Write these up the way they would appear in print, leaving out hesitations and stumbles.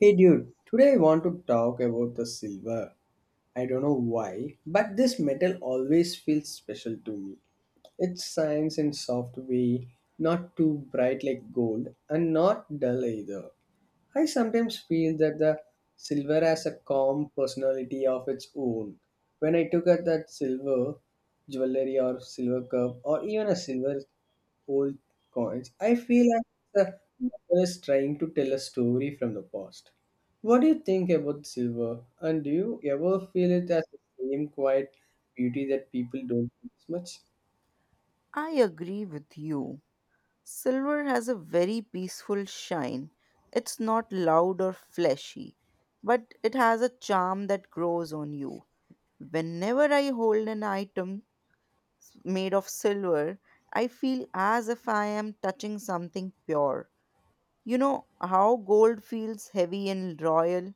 Hey dude, today I want to talk about the silver. I don't know why, but this metal always feels special to me. It shines in soft way, not too bright like gold and not dull either. I sometimes feel that the silver has a calm personality of its own. When I took out that silver jewelry or silver cup or even a silver old coins. I feel like the novel is trying to tell a story from the past. What do you think about silver? And do you ever feel it as the same quiet beauty that people don't notice much? I agree with you. Silver has a very peaceful shine. It's not loud or flashy, but it has a charm that grows on you. Whenever I hold an item made of silver, I feel as if I am touching something pure. You know how gold feels heavy and royal?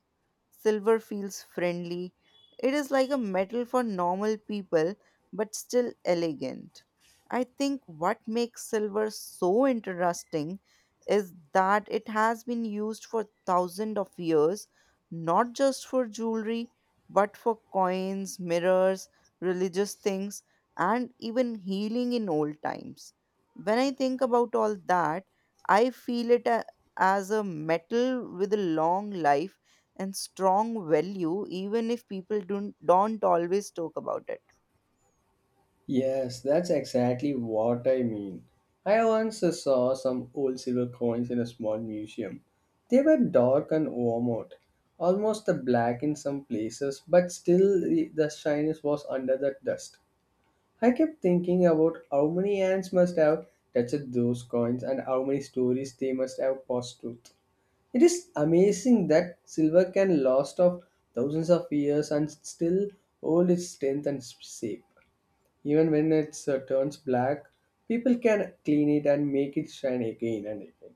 Silver feels friendly. It is like a metal for normal people, but still elegant. I think what makes silver so interesting is that it has been used for thousands of years, not just for jewelry, but for coins, mirrors, religious things, and even healing in old times. When I think about all that, I feel it as a metal with a long life and strong value, even if people don't always talk about it. Yes, that's exactly what I mean. I once saw some old silver coins in a small museum. They were dark and worn out, almost black in some places, but still the shyness was under the dust. I kept thinking about how many hands must have touched those coins and how many stories they must have passed through. It is amazing that silver can last of thousands of years and still hold its strength and shape. Even when it turns black, people can clean it and make it shine again and again.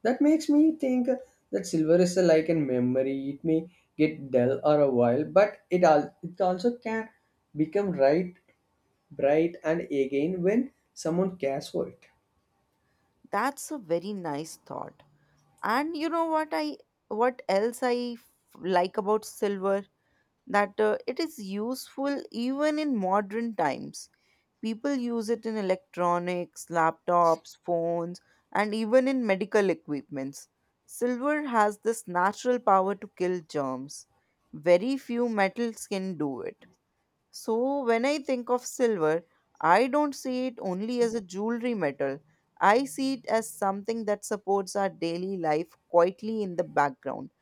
That makes me think that silver is like a memory. It may get dull or a while, but it also can become bright and again when someone cares for it. That's a very nice thought. And you know what I what else I f- like about silver that it is useful even in modern times. People use it in electronics, laptops, phones, and even in medical equipments. Silver has this natural power to kill germs. Very few metals can do it. So, when I think of silver, I don't see it only as a jewelry metal. I see it as something that supports our daily life quietly in the background.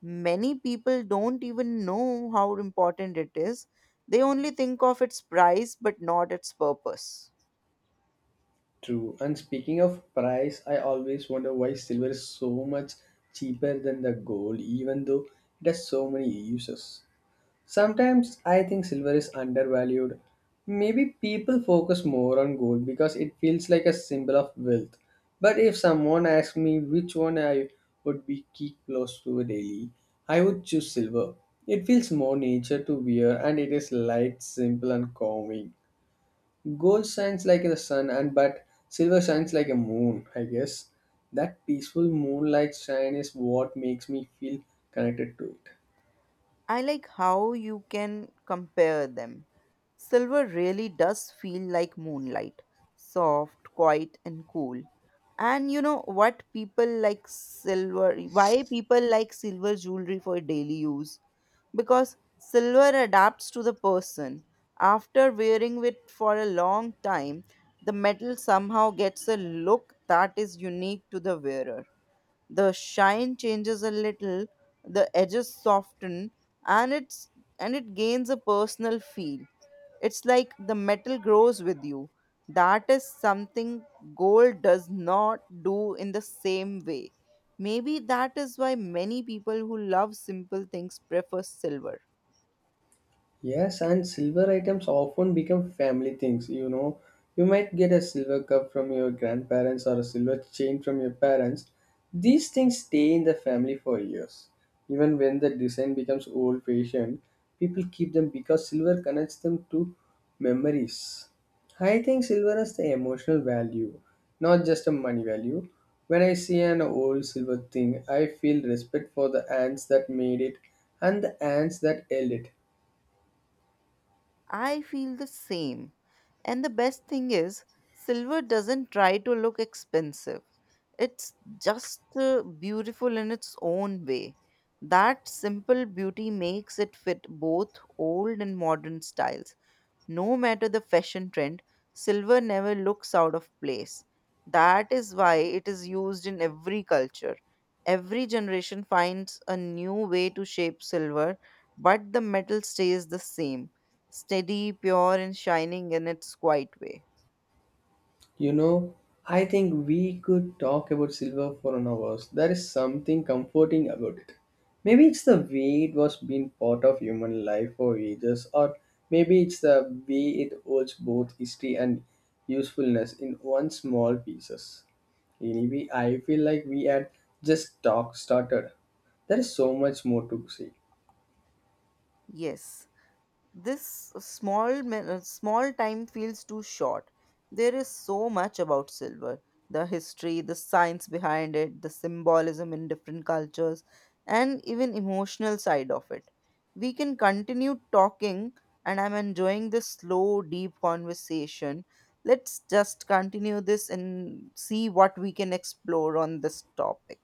Many people don't even know how important it is. They only think of its price but not its purpose. True. And speaking of price, I always wonder why silver is so much cheaper than the gold, even though it has so many uses. Sometimes I think silver is undervalued. Maybe people focus more on gold because it feels like a symbol of wealth. But if someone asked me which one I would be keep close to daily, I would choose silver. It feels more nature to wear and it is light, simple and calming. Gold shines like the sun, and but silver shines like a moon. I guess that peaceful moonlight shine is what makes me feel connected to it. I like how you can compare them. Silver really does feel like moonlight, soft, quiet, and cool. And you know what people like silver, why people like silver jewelry for daily use? Because silver adapts to the person. After wearing it for a long time, the metal somehow gets a look that is unique to the wearer. The shine changes a little, the edges soften, and it's and it gains a personal feel. It's like the metal grows with you. That is something gold does not do in the same way. Maybe that is why many people who love simple things prefer silver. Yes, and silver items often become family things, you know. You might get a silver cup from your grandparents or a silver chain from your parents. These things stay in the family for years. Even when the design becomes old fashioned, people keep them because silver connects them to memories. I think silver has the emotional value, not just a money value. When I see an old silver thing, I feel respect for the hands that made it and the hands that held it. I feel the same. And the best thing is, silver doesn't try to look expensive. It's just beautiful in its own way. That simple beauty makes it fit both old and modern styles. No matter the fashion trend, silver never looks out of place. That is why it is used in every culture. Every generation finds a new way to shape silver, but the metal stays the same, steady, pure, and shining in its quiet way. You know, I think we could talk about silver for an hour. There is something comforting about it. Maybe it's the way it was been part of human life for ages, or maybe it's the way it holds both history and usefulness in one small pieces. Anyway, I feel like we had just talk started. There is so much more to say. Yes. This small time feels too short. There is so much about silver, the history, the science behind it, the symbolism in different cultures, and even emotional side of it. We can continue talking and I'm enjoying this slow deep conversation. Let's just continue this and see what we can explore on this topic.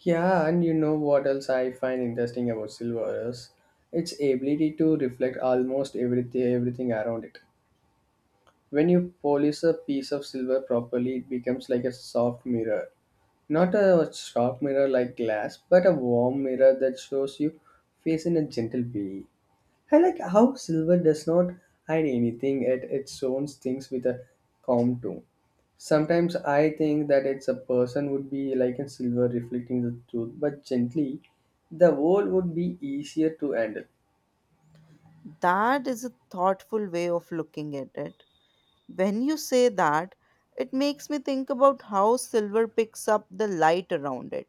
Yeah, and you know what else I find interesting about silver is its ability to reflect almost everything around it. When you polish a piece of silver properly, it becomes like a soft mirror. Not a sharp mirror like glass, but a warm mirror that shows you face in a gentle way. I like how silver does not hide anything, it shows things with a calm tone. Sometimes I think that it's a person would be like a silver reflecting the truth, but gently, the world would be easier to handle. That is a thoughtful way of looking at it. When you say that, it makes me think about how silver picks up the light around it.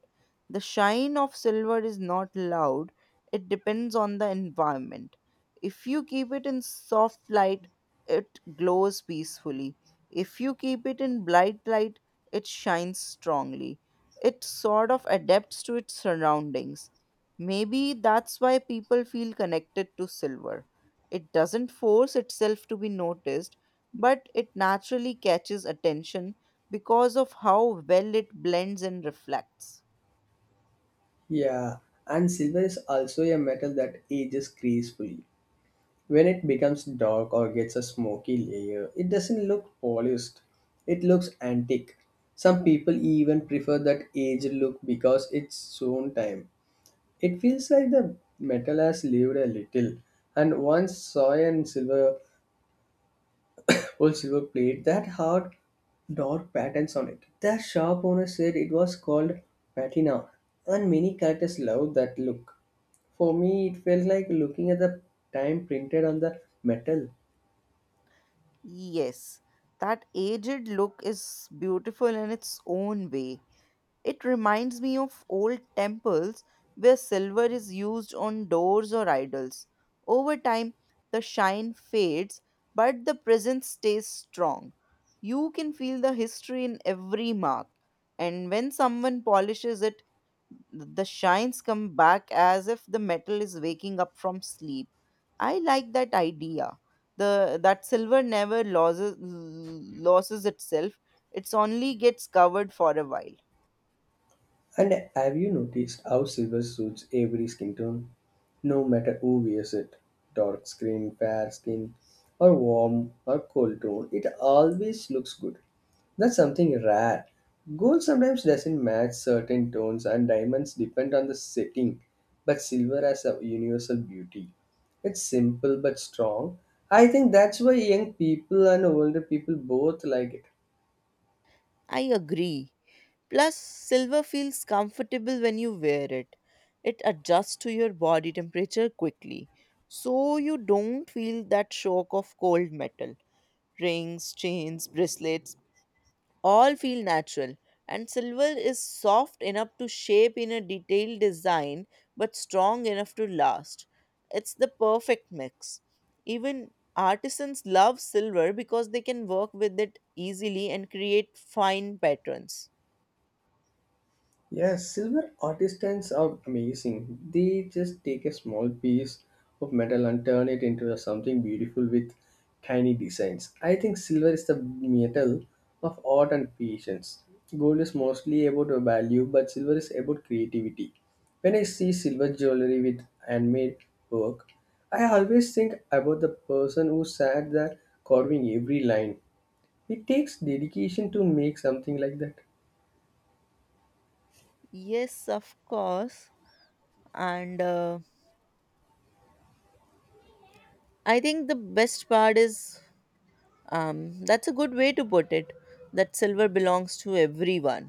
The shine of silver is not loud, it depends on the environment. If you keep it in soft light, it glows peacefully. If you keep it in bright light, it shines strongly. It sort of adapts to its surroundings. Maybe that's why people feel connected to silver. It doesn't force itself to be noticed but it naturally catches attention because of how well it blends and reflects. Yeah, and silver is also a metal that ages gracefully. When it becomes dark or gets a smoky layer, it doesn't look polished. It looks antique. Some people even prefer that aged look because it's own time. It feels like the metal has lived a little. And once saw and silver old silver plate that had dark patterns on it. The shop owner said it was called patina, and many collectors love that look. For me, it felt like looking at the time printed on the metal. Yes, that aged look is beautiful in its own way. It reminds me of old temples where silver is used on doors or idols. Over time, the shine fades, but the presence stays strong. You can feel the history in every mark, and when someone polishes it, the shines come back as if the metal is waking up from sleep. I like that idea, the that silver never loses itself, it's only gets covered for a while. And have you noticed how silver suits every skin tone? No matter who wears it dark skin, fair skin, or warm or cold tone, it always looks good. That's something rare. Gold sometimes doesn't match certain tones, and diamonds depend on the setting, but silver has a universal beauty. It's simple but strong. I think that's why young people and older people both like it. I agree, plus silver feels comfortable when you wear it. It adjusts to your body temperature quickly, so you don't feel that shock of cold metal. Rings, chains, bracelets, all feel natural, and silver is soft enough to shape in a detailed design but strong enough to last. It's the perfect mix. Even artisans love silver because they can work with it easily and create fine patterns. Yes, silver artisans are amazing. They just take a small piece of metal and turn it into something beautiful with tiny designs. I think silver is the metal of art and patience. Gold is mostly about a value, but silver is about creativity. When I see silver jewelry with handmade work, I always think about the person who sat there carving every line. It takes dedication to make something like that. Yes, of course. And I think the best part is... that's a good way to put it. That silver belongs to everyone.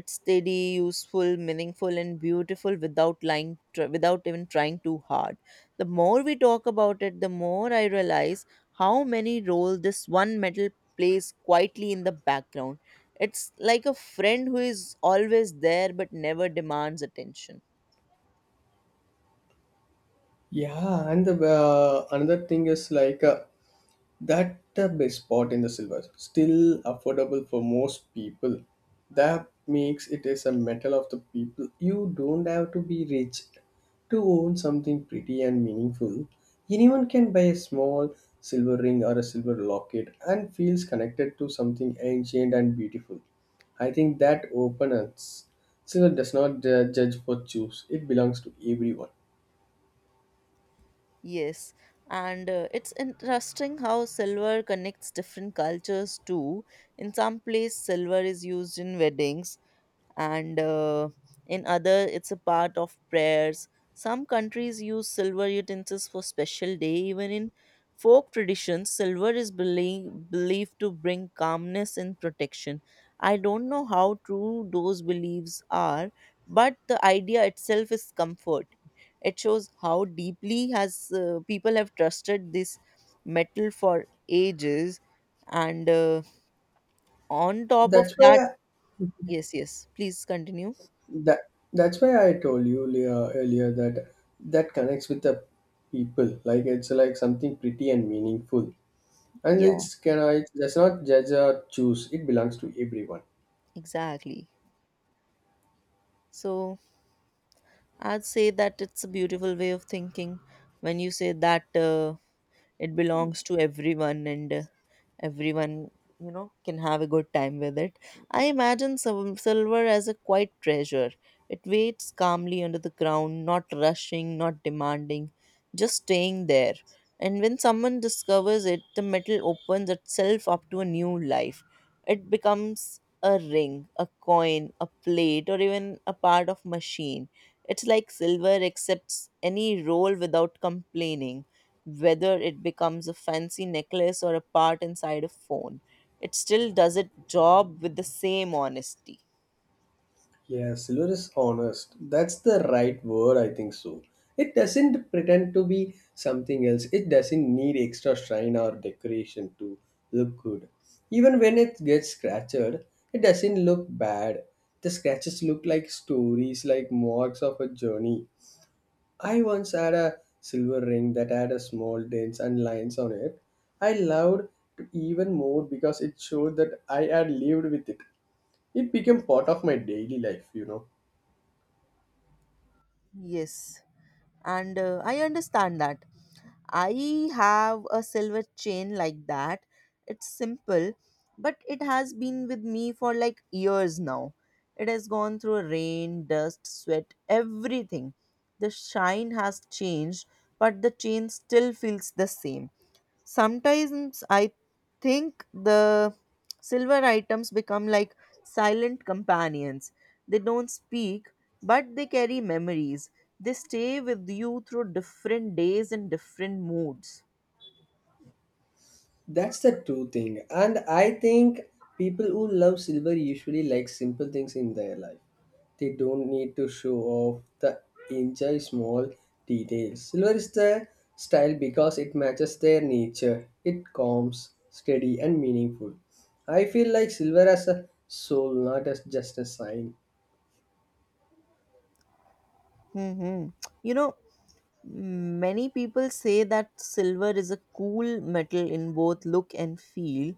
It's steady, useful, meaningful, and beautiful without lying, without even trying too hard. The more we talk about it, the more I realize how many role this one metal plays quietly in the background. It's like a friend who is always there but never demands attention. Yeah, and the another thing is like that the best part in the silver still affordable for most people. That makes it is a metal of the people. You don't have to be rich to own something pretty and meaningful. Anyone can buy a small silver ring or a silver locket and feels connected to something ancient and beautiful. I think that openness silver does not judge for choose. It belongs to everyone. Yes, and it's interesting how silver connects different cultures too. In some place, silver is used in weddings, and in other it's a part of prayers. Some countries use silver utensils for special day. Even in folk traditions silver is believed to bring calmness and protection. I don't know how true those beliefs are, but the idea itself is comforting. It shows how deeply has people have trusted this metal for ages. And on top of That's that... why Yes, yes, please continue. That's why I told you earlier that connects with the people. Like it's like something pretty and meaningful, and Yeah. it's can I does not judge or choose. It belongs to everyone. Exactly. So I'd say that it's a beautiful way of thinking when you say that it belongs to everyone and everyone, you know, can have a good time with it. I imagine silver as a quiet treasure. It waits calmly under the ground, not rushing, not demanding, just staying there, and when someone discovers it, the metal opens itself up to a new life. It becomes a ring, a coin, a plate, or even a part of machine. It's like silver accepts any role without complaining, whether it becomes a fancy necklace or a part inside a phone. It still does its job with the same honesty. Yeah, silver is honest. That's the right word. I think so. It doesn't pretend to be something else. It doesn't need extra shine or decoration to look good. Even when it gets scratched, it doesn't look bad. The scratches look like stories, like marks of a journey. I once had a silver ring that had a small dents and lines on it. I loved it even more because it showed that I had lived with it. It became part of my daily life. Yes, and I understand that. I have a silver chain like that. It's simple, but it has been with me for like years now. It has gone through rain, dust, sweat, everything. The shine has changed, but the chain still feels the same. Sometimes I think the silver items become like silent companions. They don't speak, but they carry memories. They stay with you through different days and different moods. That's the true thing. And I think people who love silver usually like simple things in their life. They don't need to show off the enjoy small details. Silver is the style because it matches their nature. It calms, steady and meaningful. I feel like silver as a soul, not as just a sign. Hmm, hmm. You know, many people say that silver is a cool metal in both look and feel.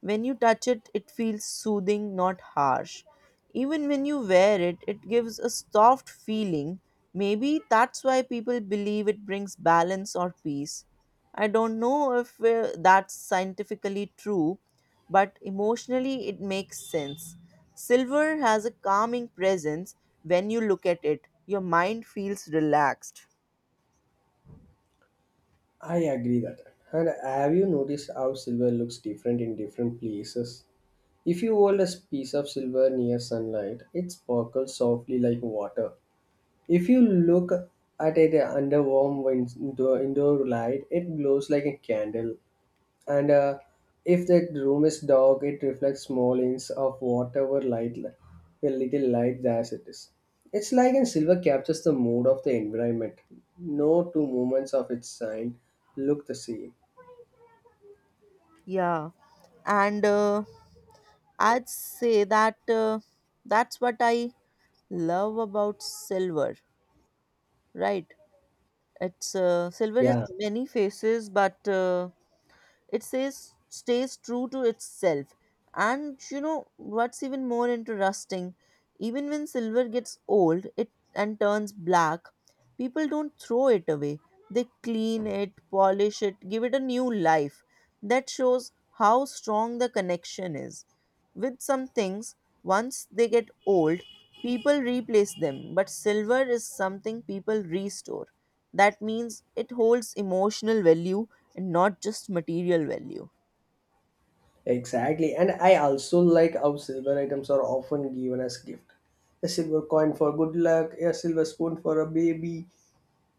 When you touch it, it feels soothing, not harsh. Even when you wear it, it gives a soft feeling. Maybe that's why people believe it brings balance or peace. I don't know if that's scientifically true, but emotionally it makes sense. Silver has a calming presence. When you look at it, your mind feels relaxed. I agree that. And have you noticed how silver looks different in different places? If you hold a piece of silver near sunlight, it sparkles softly like water. If you look at it under warm indoor light, it glows like a candle, and if the room is dark, it reflects small hints of whatever light, a little light as it is. It's like and silver captures the mood of the environment. No two moments of its sign look the same. Yeah, and I'd say that that's what I love about silver, right? It's silver is Yeah, many faces, but it says stays true to itself. And you know what's even more interesting, even when silver gets old it and turns black, people don't throw it away. They clean it, polish it, give it a new life. That shows how strong the connection is. With some things, once they get old, people replace them, but silver is something people restore. That means it holds emotional value and not just material value. exactly, and I also like how silver items are often given as gift, a silver coin for good luck, a silver spoon for a baby,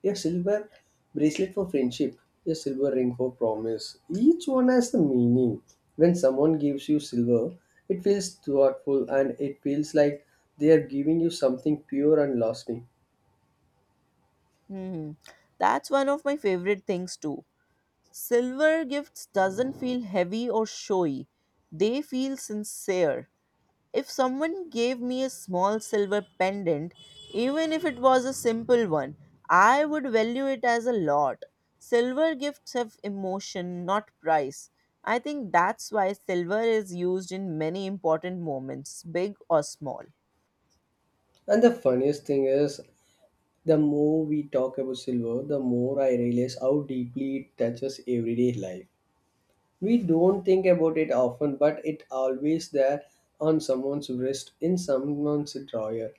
a silver bracelet for friendship, a silver ring for promise. Each one has the meaning. When someone gives you silver, it feels thoughtful and it feels like they are giving you something pure and lasting. Hmm. That's one of my favorite things too. Silver gifts doesn't feel heavy or showy. They feel sincere. If someone gave me a small silver pendant, even if it was a simple one, I would value it as a lot. Silver gifts have emotion, not price. I think that's why silver is used in many important moments, big or small. And the funniest thing is, the more we talk about silver, the more I realize how deeply it touches everyday life. We don't think about it often, but it always there on someone's wrist, in someone's drawer,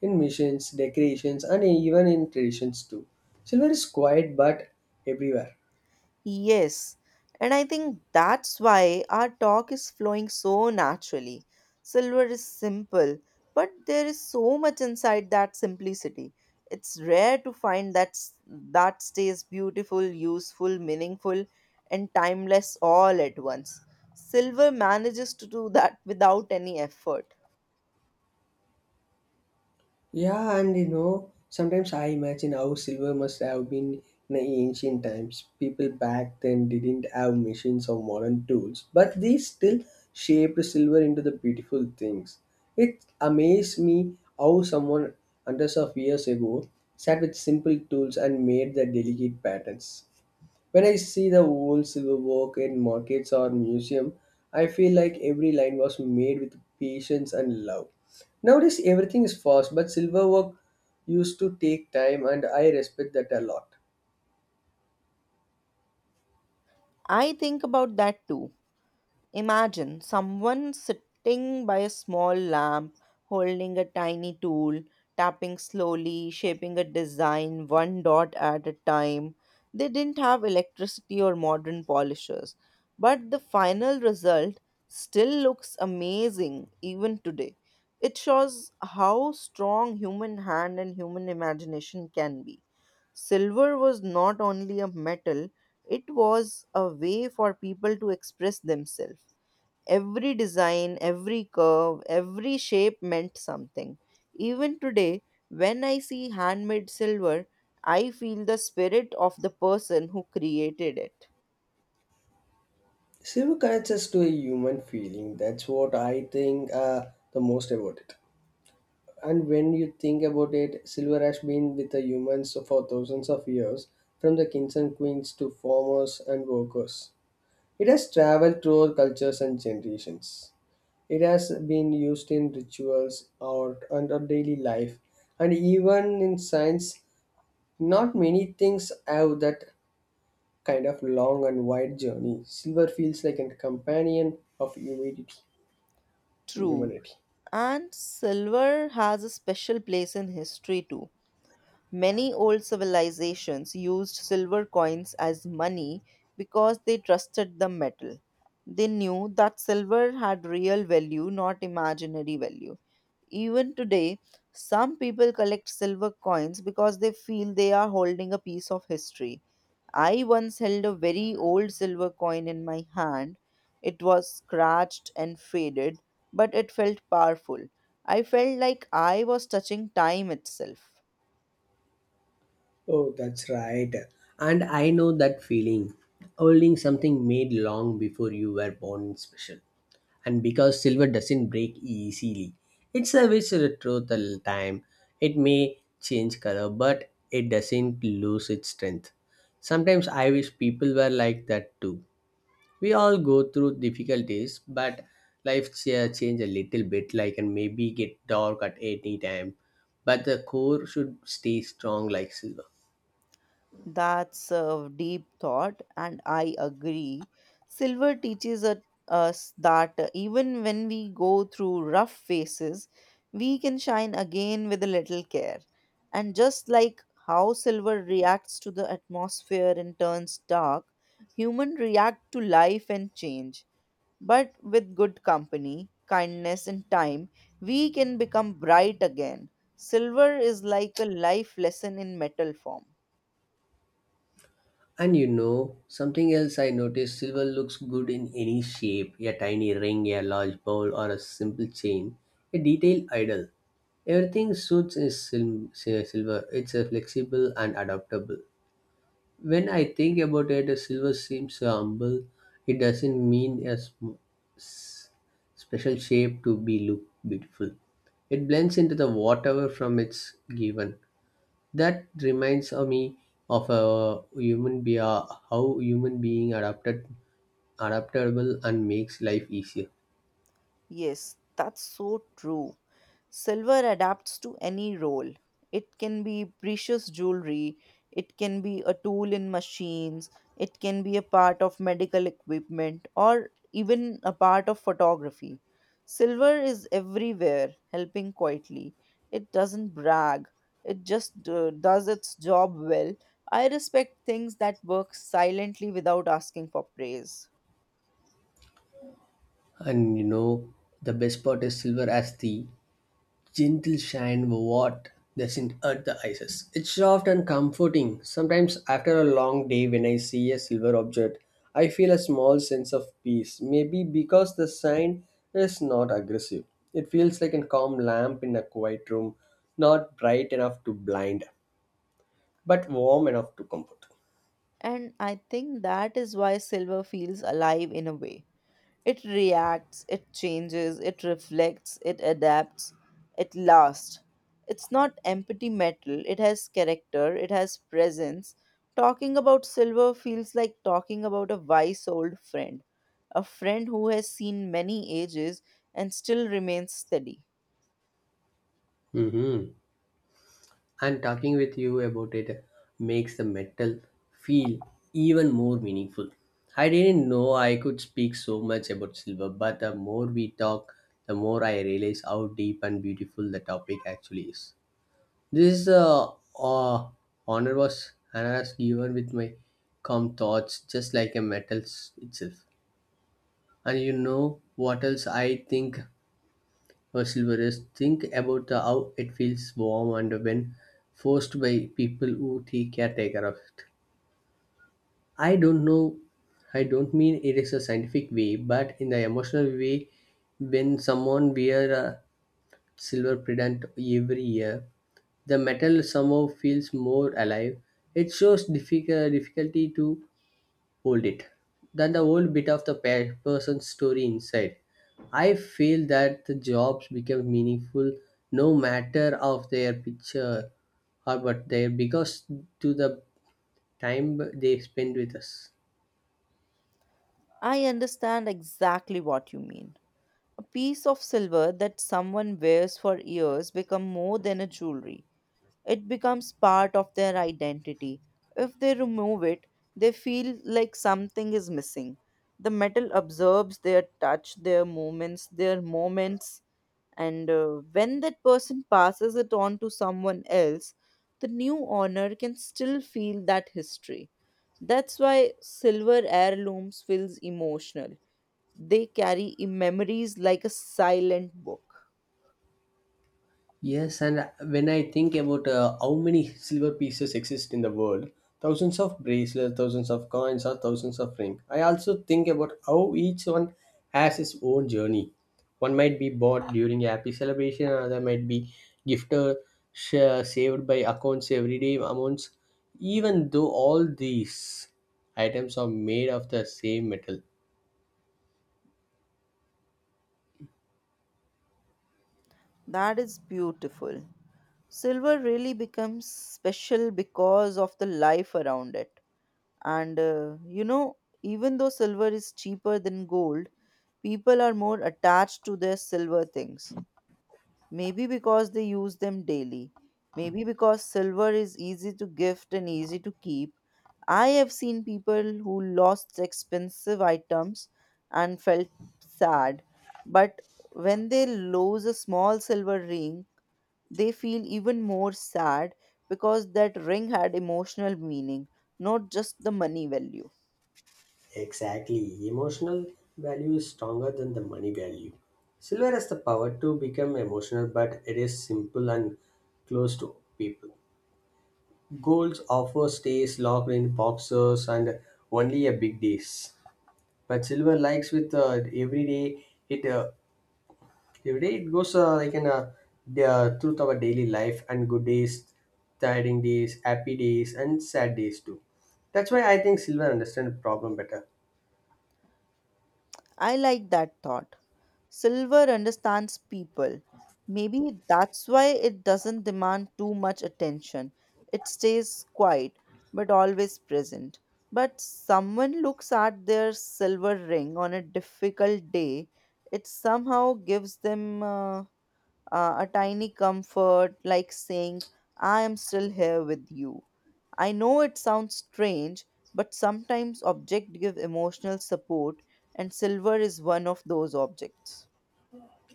in machines, decorations, and even in traditions too. Silver is quiet but everywhere. Yes, and I think that's why our talk is flowing so naturally. Silver is simple, but there is so much inside that simplicity. It's rare to find that stays beautiful, useful, meaningful, and timeless all at once. Silver manages to do that without any effort. Yeah, and sometimes I imagine how silver must have been in the ancient times. People back then didn't have machines or modern tools, but they still shaped silver into the beautiful things. It amazed me how someone hundreds of years ago sat with simple tools and made the delicate patterns. When I see the old silver work in markets or museum, I feel like every line was made with patience and love. Nowadays everything is fast, but silver work used to take time and I respect that a lot. I think about that too. Imagine someone sitting by a small lamp, holding a tiny tool, tapping slowly, shaping a design one dot at a time. They didn't have electricity or modern polishers, but the final result still looks amazing even today. It shows how strong human hand and human imagination can be. Silver was not only a metal, it was a way for people to express themselves. Every design, every curve, every shape meant something. Even today, when I see handmade silver, I feel the spirit of the person who created it. Silver connects us to a human feeling. That's what I think the most about it. And when you think about it, silver has been with the humans for thousands of years, from the kings and queens to farmers and workers. It has traveled through all cultures and generations. It has been used in rituals, or under daily life, and even in science. Not many things have that kind of long and wide journey. Silver feels like a companion of humanity. True. Humanity. And silver has a special place in history too. Many old civilizations used silver coins as money because they trusted the metal. They knew that silver had real value, not imaginary value. Even today, some people collect silver coins because they feel they are holding a piece of history. I once held a very old silver coin in my hand. It was scratched and faded, but it felt powerful. I felt like I was touching time itself. Oh, that's right. And I know that feeling. Holding something made long before you were born is special. And because silver doesn't break easily, it's a rich retrothal time. It may change color, but it doesn't lose its strength. Sometimes I wish people were like that too. We all go through difficulties, but life change a little bit like and maybe get dark at any time. But the core should stay strong like silver. That's a deep thought, and I agree. Silver teaches us that even when we go through rough phases, we can shine again with a little care. And just like how silver reacts to the atmosphere and turns dark, humans react to life and change. But with good company, kindness, and time, we can become bright again. Silver is like a life lesson in metal form. And you know, something else I noticed, silver looks good in any shape, a tiny ring, a large bowl, or a simple chain, a detailed idol. Everything suits is silver. It's flexible and adaptable. When I think about it, a silver seems so humble. It doesn't mean a special shape to be look beautiful. It blends into the whatever from it's given. That reminds of me of a human be how human being adapted adaptable and makes life easier. Yes, that's so true. Silver adapts to any role. It can be precious jewelry, it can be a tool in machines, it can be a part of medical equipment, or even a part of photography. Silver is everywhere, helping quietly. It doesn't brag, it just does its job well. I respect things that work silently without asking for praise. And you know, the best part is silver as the gentle shine what doesn't hurt the eyes. It's soft and comforting. Sometimes after a long day when I see a silver object, I feel a small sense of peace. Maybe because the shine is not aggressive. It feels like a calm lamp in a quiet room, not bright enough to blind, but warm enough to comfort. And I think that is why silver feels alive in a way. It reacts, it changes, it reflects, it adapts, it lasts. It's not empty metal, it has character, it has presence. Talking about silver feels like talking about a wise old friend, a friend who has seen many ages and still remains steady. Mm-hmm. And talking with you about it makes the metal feel even more meaningful. I didn't know I could speak so much about silver, but the more we talk, the more I realize how deep and beautiful the topic actually is. This uh, honor was honors given with my calm thoughts, just like a metal itself. And you know what else I think or silver think about the, how it feels warm and when forced by people who take caretaker of it. I don't know, I don't mean it is a scientific way, but in the emotional way, when someone wear a silver pendant every year, the metal somehow feels more alive. It shows difficulty to hold it, that the whole bit of the person's story inside. I feel that the jobs become meaningful, no matter of their picture or but their because to the time they spend with us. I understand exactly what you mean. A piece of silver that someone wears for years become more than a jewelry. It becomes part of their identity. If they remove it, they feel like something is missing. The metal absorbs their touch, their movements, their moments, and when that person passes it on to someone else, the new owner can still feel that history. That's why silver heirlooms feels emotional. They carry memories like a silent book. Yes, and when I think about how many silver pieces exist in the world, thousands of bracelets, thousands of coins, or thousands of rings. I also think about how each one has its own journey. One might be bought during a happy celebration, another might be gifted, saved by accounts everyday amounts. Even though all these items are made of the same metal. That is beautiful. Silver really becomes special because of the life around it. And you know, even though silver is cheaper than gold, people are more attached to their silver things. Maybe because they use them daily. Maybe because silver is easy to gift and easy to keep. I have seen people who lost expensive items and felt sad. But when they lose a small silver ring, they feel even more sad because that ring had emotional meaning, not just the money value. Exactly. Emotional value is stronger than the money value. Silver has the power to become emotional, but it is simple and close to people. Gold offers stays locked in boxes and only a big days. But silver likes with every day. It every day it goes like in a the truth of our daily life and good days, tiring days, happy days, and sad days too. That's why I think silver understand the problem better. I like that thought. Silver understands people. Maybe that's why it doesn't demand too much attention. It stays quiet but always present. But someone looks at their silver ring on a difficult day, it somehow gives them. A tiny comfort like saying, I am still here with you. I know it sounds strange, but sometimes objects give emotional support, and silver is one of those objects.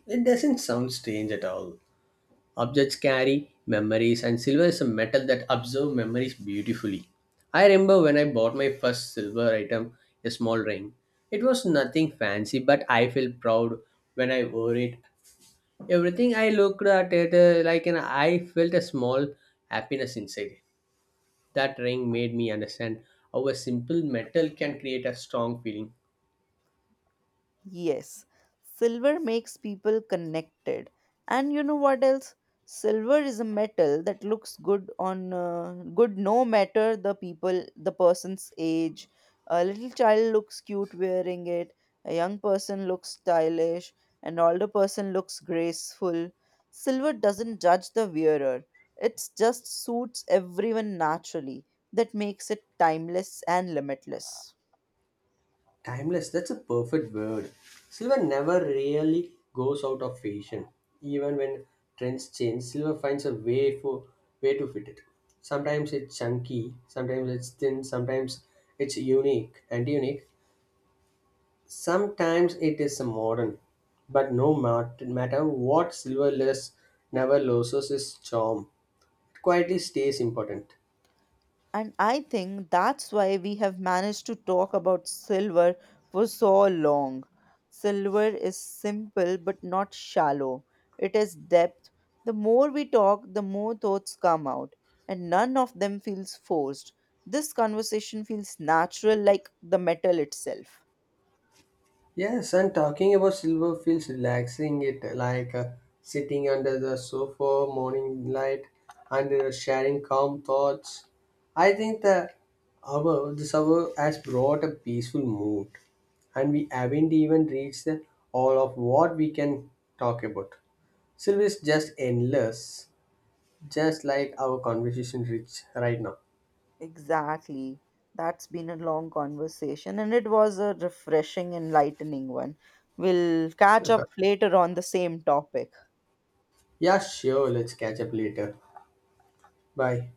It doesn't sound strange at all. Objects carry memories, and silver is a metal that absorbs memories beautifully. I remember when I bought my first silver item, a small ring. It was nothing fancy, but I felt proud when I wore it. Everything I looked at it like, and I felt a small happiness inside. That ring made me understand how a simple metal can create a strong feeling. Yes, silver makes people connected. And you know what else? Silver is a metal that looks good on good no matter the people, the person's age. A little child looks cute wearing it. A young person looks stylish. An older person looks graceful. Silver doesn't judge the wearer. It just suits everyone naturally. That makes it timeless and limitless. Timeless, that's a perfect word. Silver never really goes out of fashion. Even when trends change, silver finds a way for way to fit it. Sometimes it's chunky, sometimes it's thin, sometimes it's unique. Sometimes it is modern. But no matter what silverless never loses its charm. It quietly stays important. And I think that's why we have managed to talk about silver for so long. Silver is simple but not shallow, it is depth. The more we talk, the more thoughts come out, and none of them feels forced. This conversation feels natural like the metal itself. Yes, and talking about silver feels relaxing. It like sitting under the sofa, morning light, and sharing calm thoughts. I think that our this hour has brought a peaceful mood, and we haven't even reached the, all of what we can talk about. Silver is just endless, just like our conversation reach right now. Exactly. That's been a long conversation, and it was a refreshing, enlightening one. We'll catch up later on the same topic. Yeah, sure. Let's catch up later. Bye.